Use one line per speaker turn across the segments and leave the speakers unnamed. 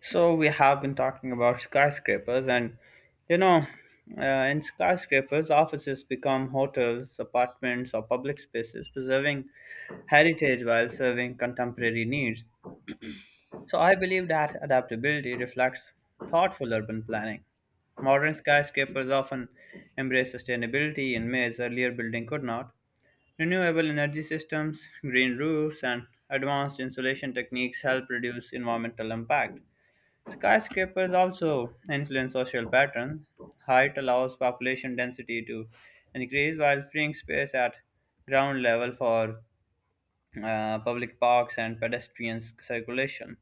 So we have been talking about skyscrapers, and you know, in skyscrapers, offices become hotels, apartments, or public spaces, preserving heritage while serving contemporary needs. So I believe that adaptability reflects thoughtful urban planning. Modern skyscrapers often embrace sustainability in ways earlier building could not. Renewable energy systems, green roofs, and advanced insulation techniques help reduce environmental impact. Skyscrapers also influence social patterns. Height allows population density to increase while freeing space at ground level for public parks and pedestrian circulation.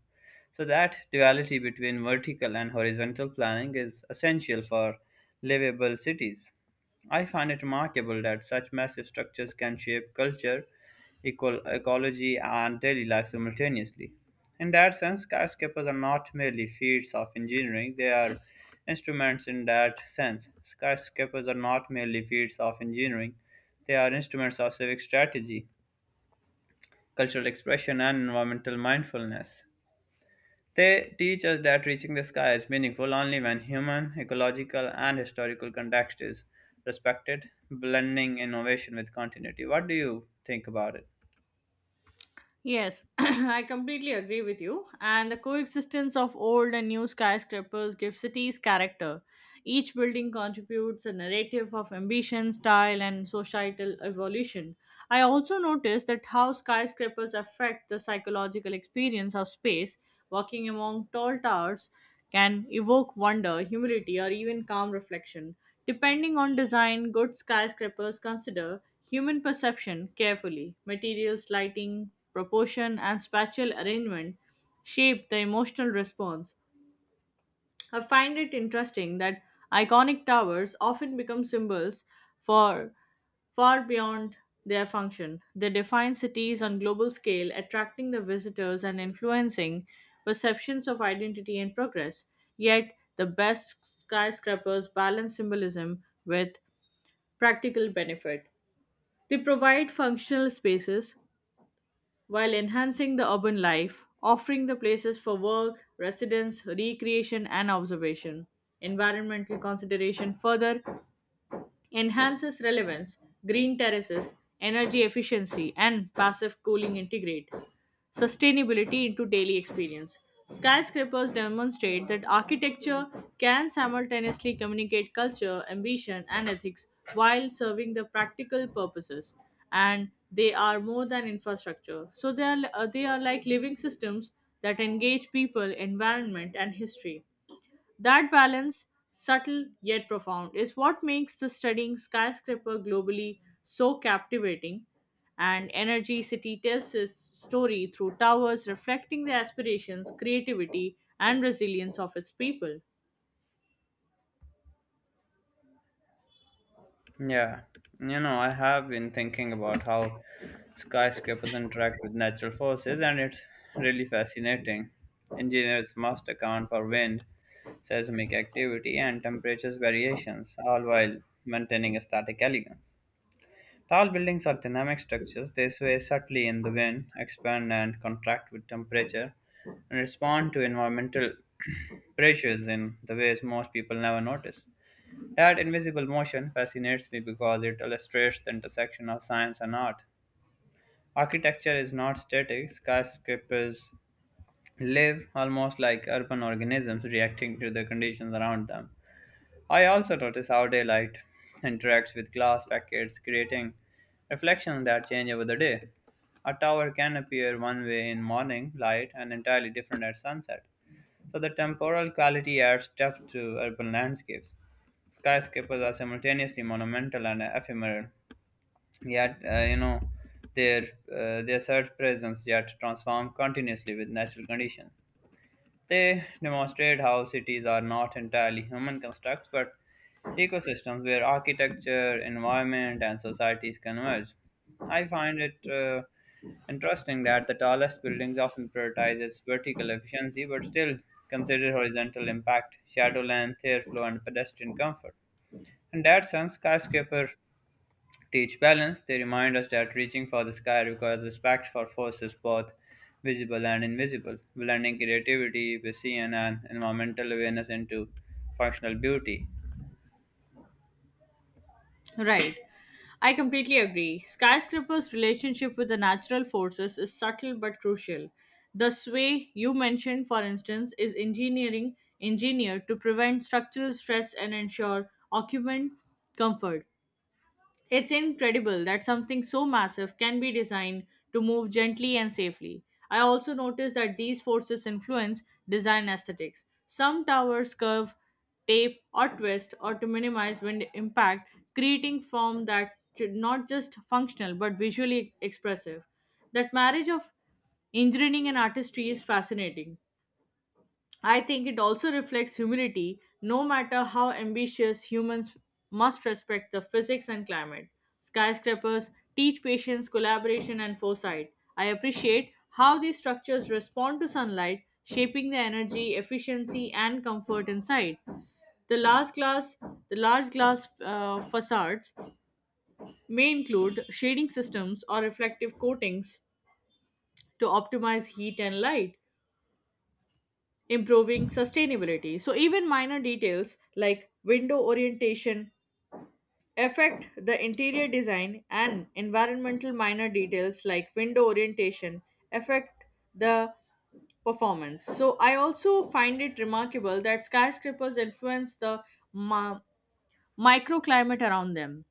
So that duality between vertical and horizontal planning is essential for livable cities. I find it remarkable that such massive structures can shape culture, ecology, and daily life simultaneously. In that sense, skyscrapers are not merely feats of engineering, they are instruments in that sense. Skyscrapers are not merely feats of engineering, they are instruments of civic strategy, cultural expression, and environmental mindfulness. They teach us that reaching the sky is meaningful only when human, ecological, and historical context is respected, blending innovation with continuity. What do you think about it?
Yes, I completely agree with you. And the coexistence of old and new skyscrapers gives cities character. Each building contributes a narrative of ambition, style, and societal evolution. I also noticed that how skyscrapers affect the psychological experience of space. Walking among tall towers can evoke wonder, humility, or even calm reflection. Depending on design, good skyscrapers consider human perception carefully. Materials, lighting, proportion, and spatial arrangement shape the emotional response. I find it interesting that iconic towers often become symbols for far beyond their function. They define cities on global scale, attracting the visitors and influencing perceptions of identity and progress. Yet, the best skyscrapers balance symbolism with practical benefit. They provide functional spaces while enhancing the urban life, offering the places for work, residence, recreation, and observation. Environmental consideration further enhances relevance, green terraces, energy efficiency, and passive cooling integrate sustainability into daily experience. Skyscrapers demonstrate that architecture can simultaneously communicate culture, ambition, and ethics while serving the practical purposes. And they are more than infrastructure. So they are like living systems that engage people, environment, and history. That balance, subtle yet profound, is what makes the studying skyscraper globally so captivating. And Energy City tells its story through towers reflecting the aspirations, creativity, and resilience of its people.
Yeah, I have been thinking about how skyscrapers interact with natural forces, and it's really fascinating. Engineers must account for wind, seismic activity, and temperatures variations, all while maintaining a static elegance. Tall buildings are dynamic structures. They sway subtly in the wind, expand and contract with temperature, and respond to environmental pressures in the ways most people never notice. That invisible motion fascinates me because it illustrates the intersection of science and art. Architecture is not static, skyscrapers live almost like urban organisms reacting to the conditions around them. I also notice how daylight interacts with glass facades, creating reflections that change over the day. A tower can appear one way in morning light and entirely different at sunset, so the temporal quality adds depth to urban landscapes. Skyscrapers are simultaneously monumental and ephemeral, yet their their surge presence yet transform continuously with natural conditions. They demonstrate how cities are not entirely human constructs but ecosystems where architecture, environment, and societies converge. I find it interesting that the tallest buildings often prioritize its vertical efficiency but still consider horizontal impact, shadow length, airflow, and pedestrian comfort. In that sense, skyscraper teach balance, they remind us that reaching for the sky requires respect for forces both visible and invisible, blending creativity, vision, and environmental awareness into functional beauty.
Right. I completely agree. Skyscraper's relationship with the natural forces is subtle but crucial. The sway you mentioned, for instance, is engineering engineered to prevent structural stress and ensure occupant comfort. It's incredible that something so massive can be designed to move gently and safely. I also noticed that these forces influence design aesthetics. Some towers curve, tape, or twist, or to minimize wind impact, creating form that should not just functional but visually expressive. That marriage of engineering and artistry is fascinating. I think it also reflects humility. No matter how ambitious, humans must respect the physics and climate. Skyscrapers teach patience, collaboration, and foresight. I appreciate how these structures respond to sunlight, shaping the energy, efficiency, and comfort inside. The large glass, the large glass facades may include shading systems or reflective coatings to optimize heat and light, improving sustainability. So, even minor details like window orientation affect the interior design, and environmental minor details like window orientation affect the performance. So, I also find it remarkable that skyscrapers influence the ma- microclimate around them.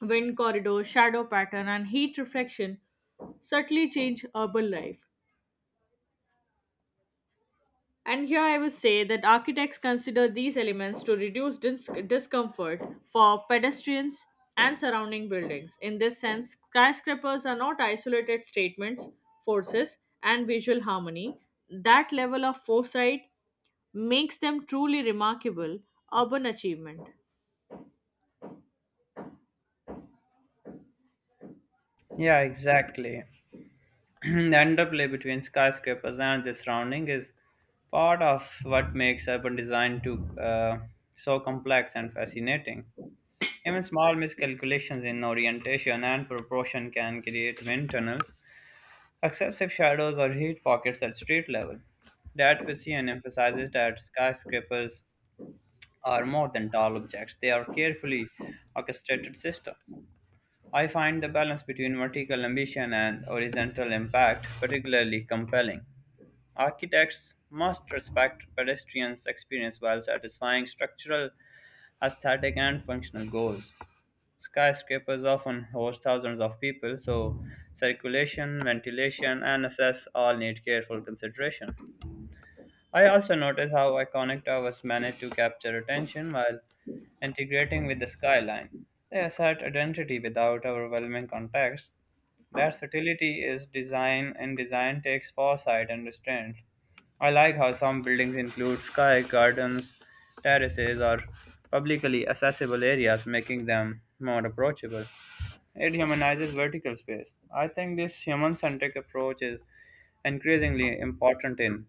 Wind corridors, shadow pattern, and heat reflection subtly change urban life. And here I would say that architects consider these elements to reduce discomfort for pedestrians and surrounding buildings. In this sense, skyscrapers are not isolated statements, forces, and visual harmony. That level of foresight makes them truly remarkable urban achievement.
Yeah, exactly. The interplay between skyscrapers and the surrounding is part of what makes urban design to so complex and fascinating. Even small miscalculations in orientation and proportion can create windtunnels, excessive shadows or heat pockets at street level. That Pisian emphasizes that skyscrapers are more than tall objects, they are carefully orchestrated systems. I find the balance between vertical ambition and horizontal impact particularly compelling. Architects must respect pedestrians' experience while satisfying structural, aesthetic, and functional goals. Skyscrapers often host thousands of people, so circulation, ventilation, and access all need careful consideration. I also notice how iconic towers manage to capture attention while integrating with the skyline. They assert identity without overwhelming context. Their subtlety is design, and design takes foresight and restraint. I like how some buildings include sky gardens, terraces, or publicly accessible areas, making them more approachable. It humanizes vertical space. I think this human centric approach is increasingly important in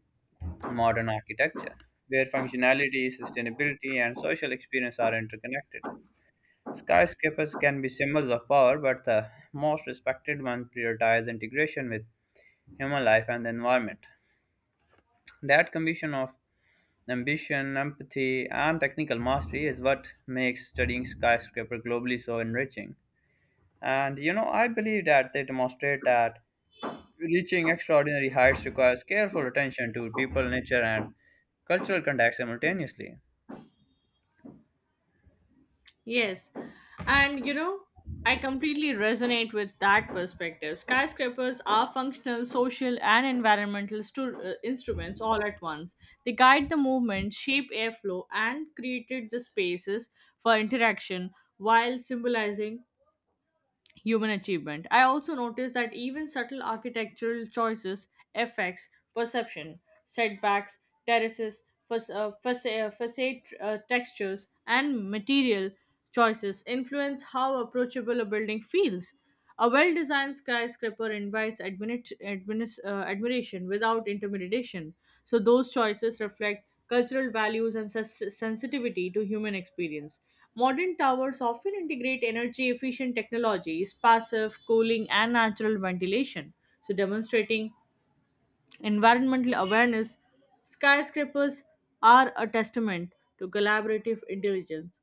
modern architecture, where functionality, sustainability, and social experience are interconnected. Skyscrapers can be symbols of power, but the most respected ones prioritize integration with human life and the environment. That combination of ambition, empathy, and technical mastery is what makes studying skyscraper globally so enriching. And I believe that they demonstrate that reaching extraordinary heights requires careful attention to people, nature, and cultural context simultaneously.
Yes. And you know, I completely resonate with that perspective. Skyscrapers are functional, social, and environmental instruments all at once. They guide the movement, shape airflow, and created the spaces for interaction while symbolizing human achievement. I also noticed that even subtle architectural choices affects perception, setbacks, terraces, facade textures, and material choices influence how approachable a building feels. A well designed skyscraper invites admiration without intimidation, so those choices reflect cultural values and sensitivity to human experience. Modern towers often integrate energy efficient technologies, passive cooling, and natural ventilation, so demonstrating environmental awareness. Skyscrapers are a testament to collaborative intelligence.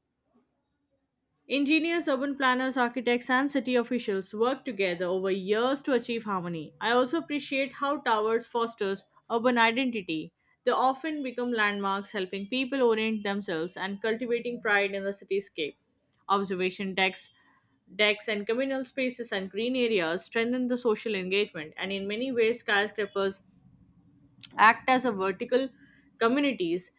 Engineers, urban planners, architects, and city officials work together over years to achieve harmony. I also appreciate how towers fosters urban identity. They often become landmarks, helping people orient themselves and cultivating pride in the cityscape. Observation decks, decks, and communal spaces and green areas strengthen the social engagement, and in many ways, skyscrapers act as a vertical communities.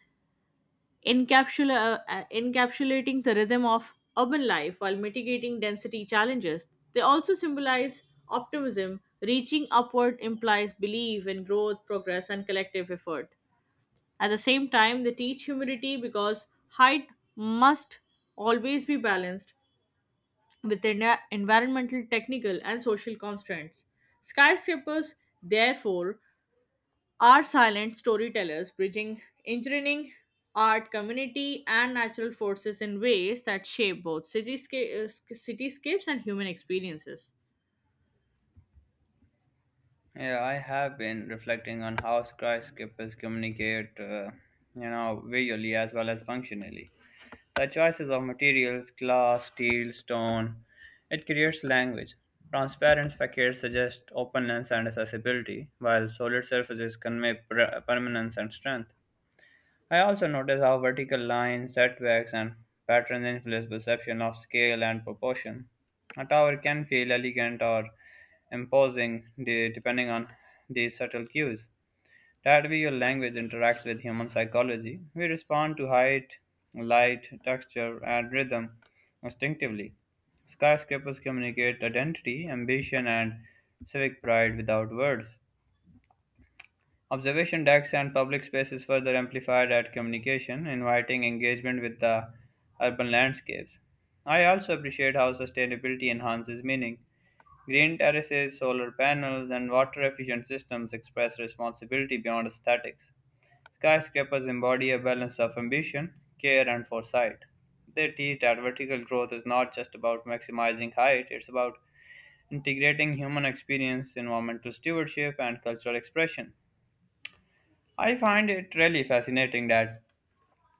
Encapsulating the rhythm of urban life while mitigating density challenges. They also symbolize optimism. Reaching upward implies belief in growth, progress, and collective effort. At the same time, they teach humility because height must always be balanced with environmental, technical, and social constraints. Skyscrapers, therefore, are silent storytellers bridging engineering, art, community, and natural forces in ways that shape both cityscapes and human experiences.
Yeah, I have been reflecting on how skyscrapers communicate, visually as well as functionally. The choices of materials, glass, steel, stone, it creates language. Transparent facades suggest openness and accessibility, while solid surfaces convey permanence and strength. I also notice how vertical lines, setbacks, and patterns influence perception of scale and proportion. A tower can feel elegant or imposing depending on these subtle cues. That way, your language interacts with human psychology. We respond to height, light, texture, and rhythm instinctively. Skyscrapers communicate identity, ambition, and civic pride without words. Observation decks and public spaces further amplified at communication, inviting engagement with the urban landscapes. I also appreciate how sustainability enhances meaning. Green terraces, solar panels, and water efficient systems express responsibility beyond aesthetics. Skyscrapers embody a balance of ambition, care, and foresight. They teach that vertical growth is not just about maximizing height, it's about integrating human experience, environmental stewardship, and cultural expression. I find it really fascinating that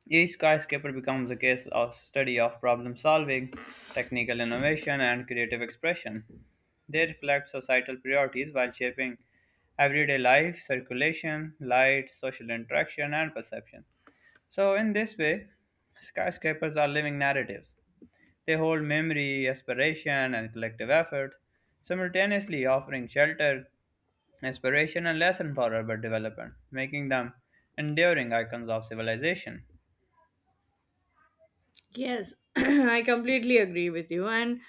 each skyscraper becomes a case of study of problem solving, technical innovation, and creative expression. They reflect societal priorities while shaping everyday life, circulation, light, social interaction, and perception. So, in this way, skyscrapers are living narratives. They hold memory, aspiration, and collective effort, simultaneously offering shelter, inspiration and lesson for urban development, making them enduring icons of civilization.
Yes, I completely agree with you. And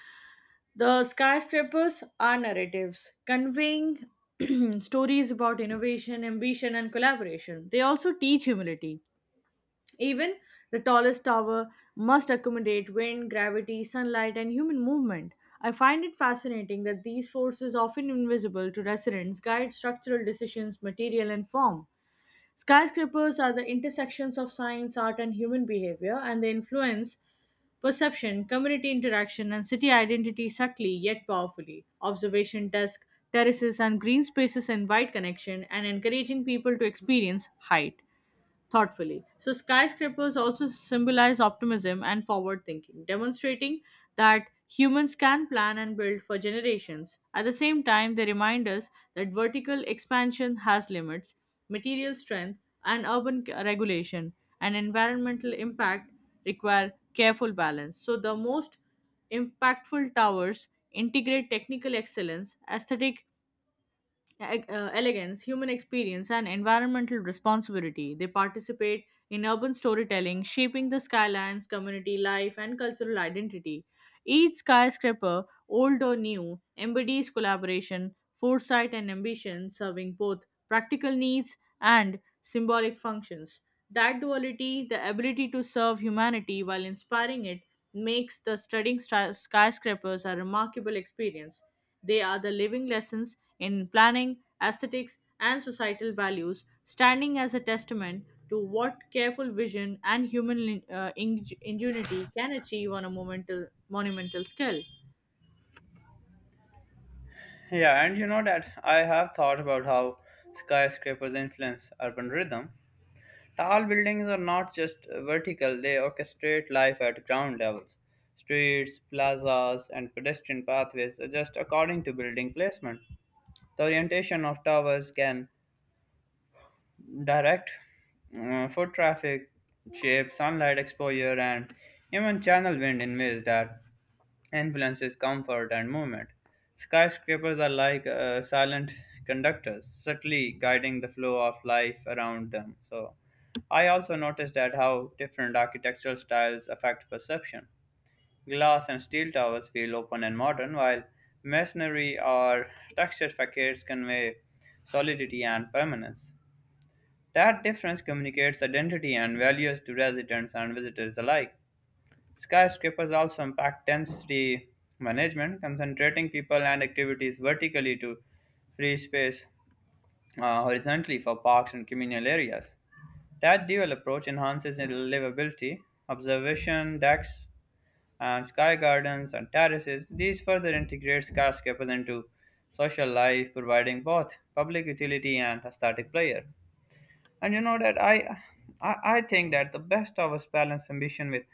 the skyscrapers are narratives conveying stories about innovation, ambition, and collaboration. They also teach humility. Even the tallest tower must accommodate wind, gravity, sunlight, and human movement. I find it fascinating that these forces, often invisible to residents, guide structural decisions, material, and form. Skyscrapers are the intersections of science, art, and human behavior, and they influence perception, community interaction, and city identity subtly yet powerfully. Observation desk, terraces, and green spaces invite connection and encouraging people to experience height thoughtfully. So, skyscrapers also symbolize optimism and forward thinking, demonstrating that humans can plan and build for generations. At the same time, they remind us that vertical expansion has limits, material strength, and urban regulation and environmental impact require careful balance. So, the most impactful towers integrate technical excellence, aesthetic elegance, human experience, and environmental responsibility. They participate in urban storytelling, shaping the skylines, community life, and cultural identity. Each skyscraper old or new, embodies collaboration, foresight, and ambition, serving both practical needs and symbolic functions. That duality, the ability to serve humanity while inspiring it, makes the studying skyscrapers a remarkable experience. They are the living lessons in planning, aesthetics, and societal values, standing as a testament to what careful vision and human ingenuity can achieve on a monumental scale.
Yeah, and you know that I have thought about how skyscrapers influence urban rhythm. Tall buildings are not just vertical, they orchestrate life at ground levels. Streets, plazas, and pedestrian pathways adjust according to building placement. The orientation of towers can direct foot traffic, shape, sunlight exposure, and even channel wind in ways that influences comfort and movement. Skyscrapers are like silent conductors, subtly guiding the flow of life around them. So, I also noticed that how different architectural styles affect perception. Glass and steel towers feel open and modern, while masonry or textured facades convey solidity and permanence. That difference communicates identity and values to residents and visitors alike. Skyscrapers also impact density management, concentrating people and activities vertically to free space horizontally for parks and communal areas. That dual approach enhances livability, observation decks, and sky gardens and terraces. These further integrate skyscrapers into social life, providing both public utility and aesthetic pleasure. And I think that the best towers balance ambition with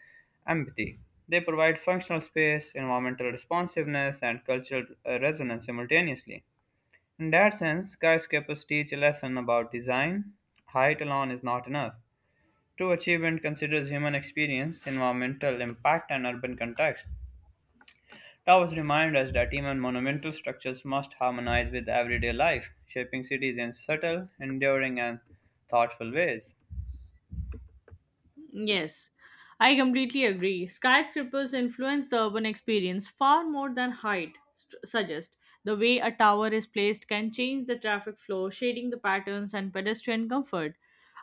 empathy. They provide functional space, environmental responsiveness, and cultural resonance simultaneously. In that sense, skyscrapers teach a lesson about design. Height alone is not enough. True achievement considers human experience, environmental impact, and urban context. Towers remind us that even monumental structures must harmonize with everyday life, shaping cities in subtle, enduring, and thoughtful ways.
Yes, I completely agree. Skyscrapers influence the urban experience far more than height suggests. The way a tower is placed can change the traffic flow, shading the patterns and pedestrian comfort.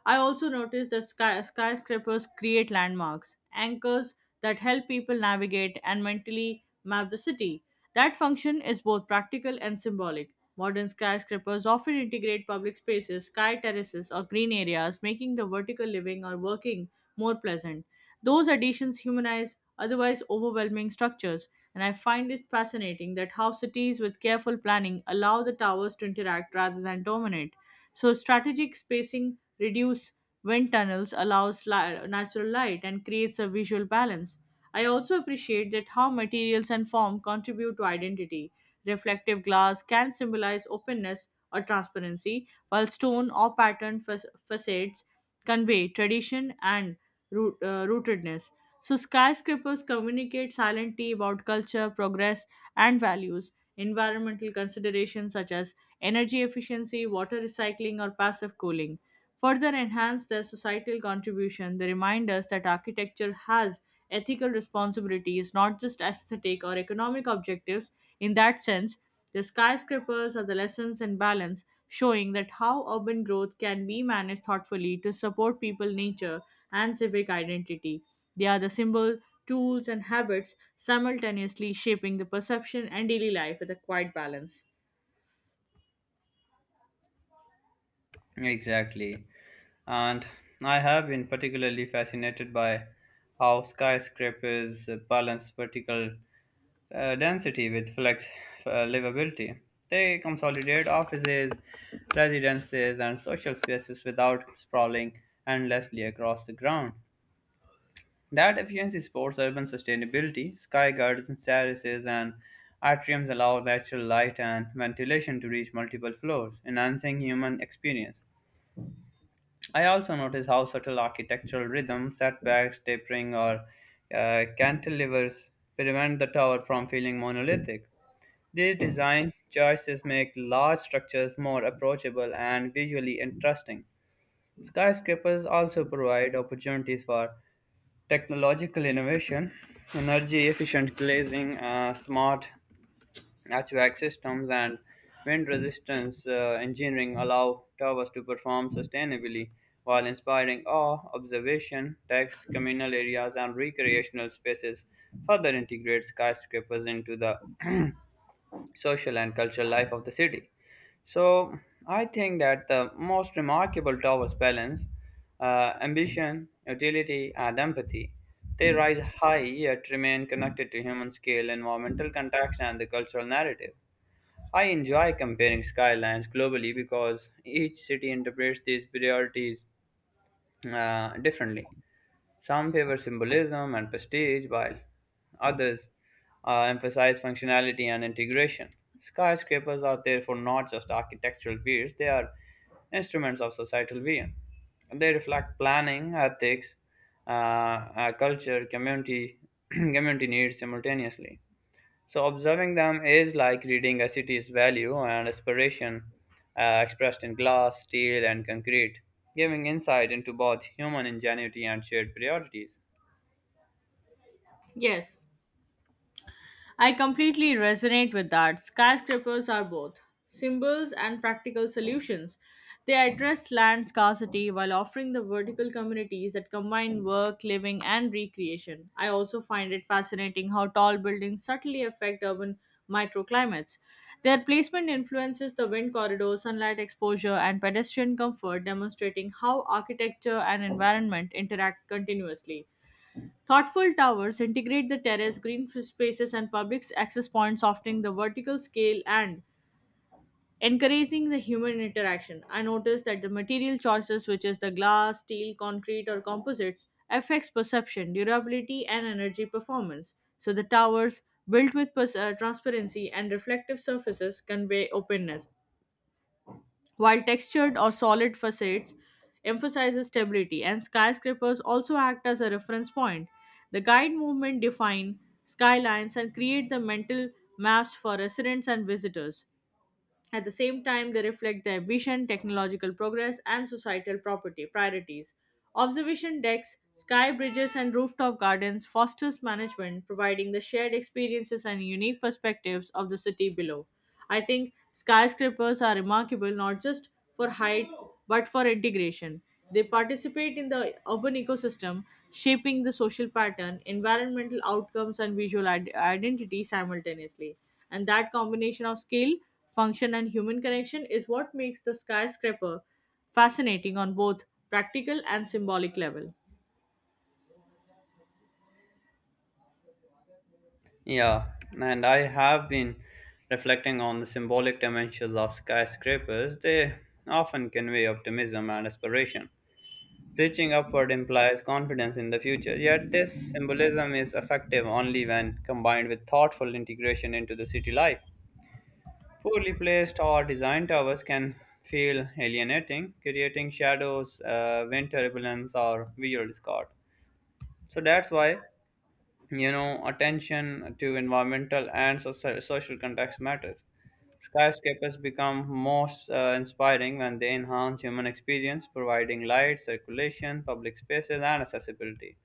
I also noticed that skyscrapers create landmarks, anchors that help people navigate and mentally map the city. That function is both practical and symbolic. Modern skyscrapers often integrate public spaces, sky terraces, or green areas, making the vertical living or working more pleasant. Those additions humanize otherwise overwhelming structures, and I find it fascinating that how cities with careful planning allow the towers to interact rather than dominate. So, strategic spacing reduce wind tunnels, allows natural light, and creates a visual balance. I also appreciate that how materials and form contribute to identity. Reflective glass can symbolize openness or transparency, while stone or pattern facades convey tradition and rootedness. So, skyscrapers communicate silently about culture, progress, and values. Environmental considerations such as energy efficiency, water recycling, or passive cooling further enhance their societal contribution. They remind us that architecture has ethical responsibilities, not just aesthetic or economic objectives, in that sense, the skyscrapers are the lessons in balance, showing that how urban growth can be managed thoughtfully to support people, nature, and civic identity. They are the symbol, tools, and habits simultaneously shaping the perception and daily life with a quiet balance.
Exactly. And I have been particularly fascinated by how skyscrapers balance vertical density with flex livability. They consolidate offices, residences, and social spaces without sprawling endlessly across the ground. That efficiency supports urban sustainability. Sky gardens, terraces, and atriums allow natural light and ventilation to reach multiple floors, enhancing human experience. I also notice how subtle architectural rhythm, setbacks, tapering, or cantilevers prevent the tower from feeling monolithic. These design choices make large structures more approachable and visually interesting. Skyscrapers also provide opportunities for technological innovation, energy efficient glazing, smart HVAC systems and wind resistance engineering allow towers to perform sustainably while inspiring awe, observation, text, communal areas, and recreational spaces. Further integrates skyscrapers into the social and cultural life of the city. So I think that the most remarkable towers balance ambition, utility, and empathy. They rise high yet remain connected to human scale, environmental context, and the cultural narrative. I enjoy comparing skylines globally because each city interprets these priorities differently. Some favor symbolism and prestige, while others emphasize functionality and integration. Skyscrapers are therefore not just architectural feats, they are instruments of societal being. They reflect planning, ethics, culture, community, community needs simultaneously. So observing them is like reading a city's value and aspiration expressed in glass, steel, and concrete, giving insight into both human ingenuity and shared priorities.
Yes, I completely resonate with that. Skyscrapers are both symbols and practical solutions. They address land scarcity while offering the vertical communities that combine work, living, and recreation. I also find it fascinating how tall buildings subtly affect urban microclimates. Their placement influences the wind corridor, sunlight exposure, and pedestrian comfort, demonstrating how architecture and environment interact continuously. Thoughtful towers integrate the terrace, green spaces, and public access points, softening the vertical scale and encouraging the human interaction. I noticed that the material choices, which is the glass, steel, concrete, or composites, affects perception, durability, and energy performance. So the towers built with transparency and reflective surfaces convey openness, while textured or solid facades emphasizes stability and skyscrapers also act as a reference point the guide movement define skylines and create the mental maps for residents and visitors at the same time, they reflect the ambition, technological progress, and societal property priorities. Observation decks, sky bridges, and rooftop gardens fosters management, providing the shared experiences and unique perspectives of the city below. I think skyscrapers are remarkable not just for height but for integration. They participate in the urban ecosystem, shaping the social pattern, environmental outcomes, and visual identity simultaneously. And that combination of skill, function and human connection is what makes the skyscraper fascinating on both practical and symbolic level.
Yeah, and I have been reflecting on the symbolic dimensions of skyscrapers. They often convey optimism and aspiration. Reaching upward implies confidence in the future, yet, this symbolism is effective only when combined with thoughtful integration into the city life. Poorly placed or designed towers can feel alienating, creating shadows, wind turbulence, or visual discord. So that's why, attention to environmental and social context matters. Skyscrapers become most inspiring when they enhance human experience, providing light, circulation, public spaces, and accessibility.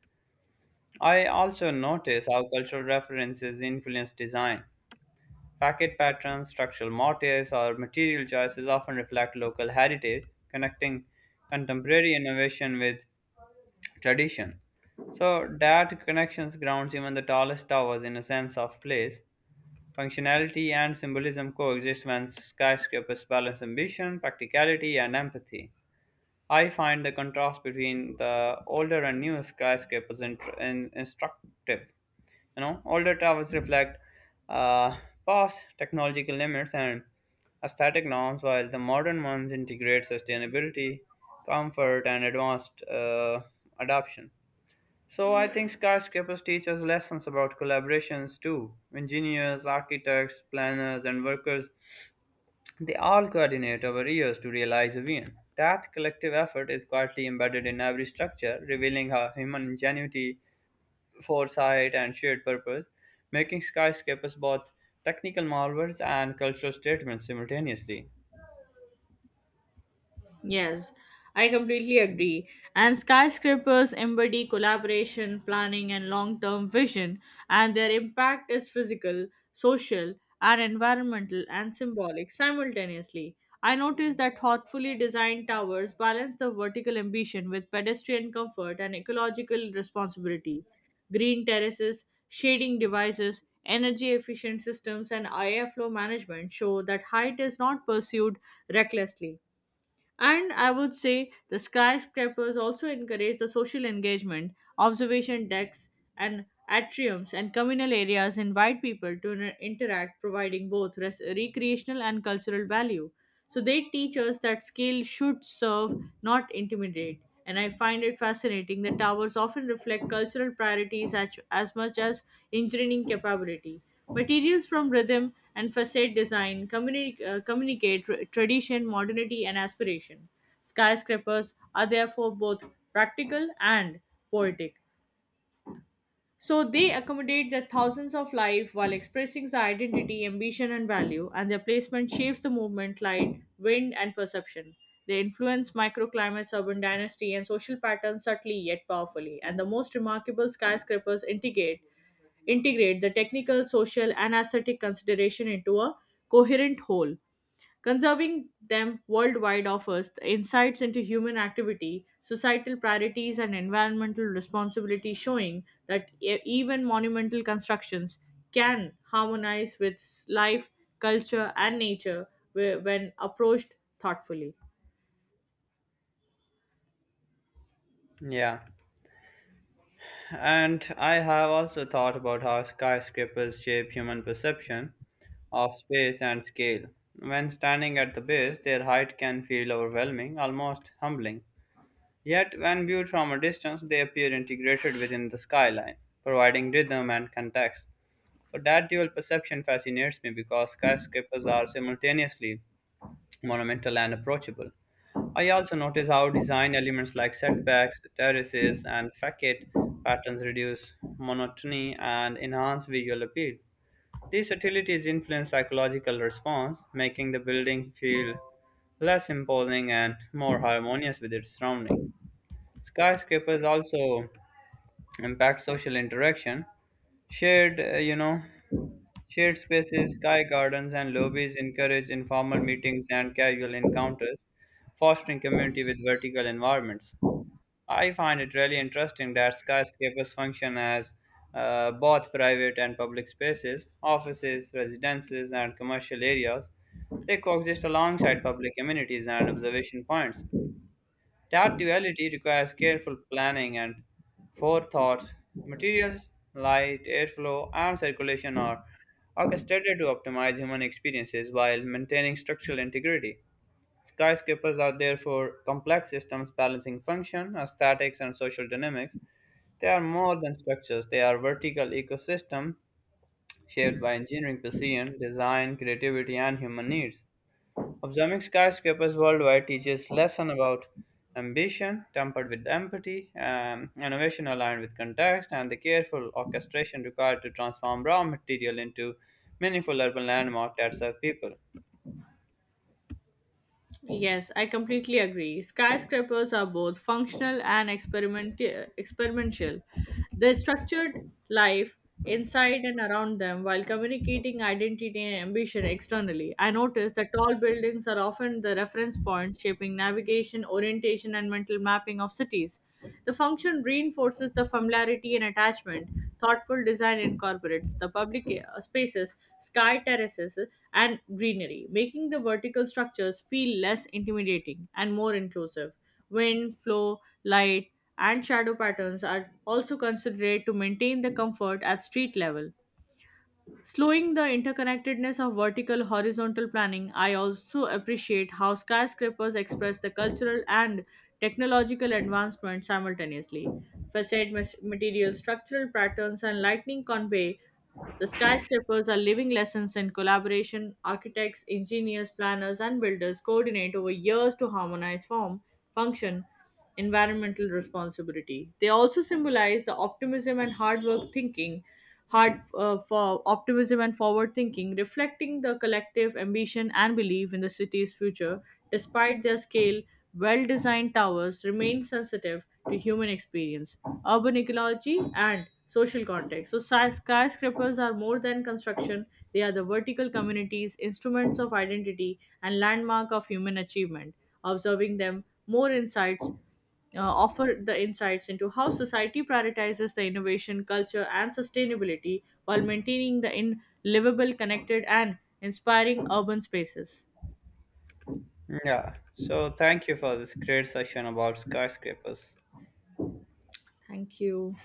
I also notice how cultural references influence design. Packet patterns, structural motifs, or material choices often reflect local heritage, connecting contemporary innovation with tradition. So that connections grounds even the tallest towers in a sense of place. Functionality and symbolism coexist when skyscrapers balance ambition, practicality, and empathy. I find the contrast between the older and newer skyscrapers instructive. You know, older towers reflect uh, past technological limits and aesthetic norms, while the modern ones integrate sustainability, comfort, and advanced adoption. So I think skyscrapers teach us lessons about collaborations too. Engineers, architects, planners, and workers, they all coordinate over years to realize a vision. That collective effort is quietly embedded in every structure, revealing how human ingenuity foresight, and shared purpose, making skyscrapers both technical marvels and cultural statements simultaneously.
Yes, I completely agree. And skyscrapers embody collaboration, planning, and long term vision, and their impact is physical, social, and environmental and symbolic simultaneously. I noticed that thoughtfully designed towers balance the vertical ambition with pedestrian comfort and ecological responsibility. Green terraces, shading devices, energy efficient systems, and airflow management show that height is not pursued recklessly and I would say the skyscrapers also encourage the social engagement, observation decks, and atriums and communal areas invite people to interact, providing both recreational and cultural value. So they teach us that skill should serve, not intimidate. And I find it fascinating that towers often reflect cultural priorities as much as engineering capability. Materials from rhythm and facade design communicate tradition, modernity, and aspiration. Skyscrapers are therefore both practical and poetic. So they accommodate the thousands of life while expressing the identity, ambition, and value, and their placement shapes the movement, light, wind, and perception. They influence microclimates, urban dynasty, and social patterns subtly yet powerfully. And the most remarkable skyscrapers integrate the technical, social, and aesthetic consideration into a coherent whole. Conserving them worldwide offers the insights into human activity, societal priorities, and environmental responsibility, showing that even monumental constructions can harmonize with life, culture, and nature when approached thoughtfully.
Yeah, and I have also thought about how skyscrapers shape human perception of space and scale. When standing at the base, their height can feel overwhelming, almost humbling. Yet, when viewed from a distance, they appear integrated within the skyline, providing rhythm and context. So, that dual perception fascinates me because skyscrapers are simultaneously monumental and approachable. I also notice how design elements like setbacks, terraces, and facade patterns reduce monotony and enhance visual appeal. These subtleties influence psychological response, making the building feel less imposing and more harmonious with its surrounding. Skyscrapers also impact social interaction. Shared, uh, you know, Shared spaces, sky gardens, and lobbies encourage informal meetings and casual encounters, fostering community with vertical environments. I find it really interesting that skyscrapers function as both private and public spaces, offices, residences, and commercial areas. They coexist alongside public amenities and observation points, that duality requires careful planning and forethought. Materials, light, airflow, and circulation are orchestrated to optimize human experiences while maintaining structural integrity. Skyscrapers are therefore complex systems balancing function, aesthetics, and social dynamics. They are more than structures, they are vertical ecosystems shaped by engineering precision, design, creativity, and human needs. Observing skyscrapers worldwide teaches lesson about ambition tempered with empathy, innovation aligned with context, and the careful orchestration required to transform raw material into meaningful urban landmark that serve people.
Yes, I completely agree. Skyscrapers are both functional and experimental. They structured life inside and around them while communicating identity and ambition externally. I noticed that tall buildings are often the reference point shaping navigation, orientation, and mental mapping of cities. The function reinforces the familiarity and attachment thoughtful design incorporates the public spaces, sky terraces, and greenery, making the vertical structures feel less intimidating and more inclusive. Wind, flow, light, and shadow patterns are also considered to maintain the comfort at street level. Slowing the interconnectedness of vertical horizontal planning, I also appreciate how skyscrapers express the cultural and technological advancement simultaneously. Facade material, structural patterns, and lightning convey the skyscrapers are living lessons in collaboration. Architects, engineers, planners, and builders coordinate over years to harmonize form, function, environmental responsibility. They also symbolize the optimism and hard work thinking, hard for optimism and forward thinking, reflecting the collective ambition and belief in the city's future. Despite their scale, well designed towers remain sensitive to human experience, urban ecology, and social context. So, skyscrapers are more than construction, they are the vertical communities, instruments of identity, and landmark of human achievement. Observing them more insights, offer the insights into how society prioritizes the innovation, culture, and sustainability while maintaining the in livable, connected, and inspiring urban spaces.
Yeah. So thank you for this great session about skyscrapers.
Thank you.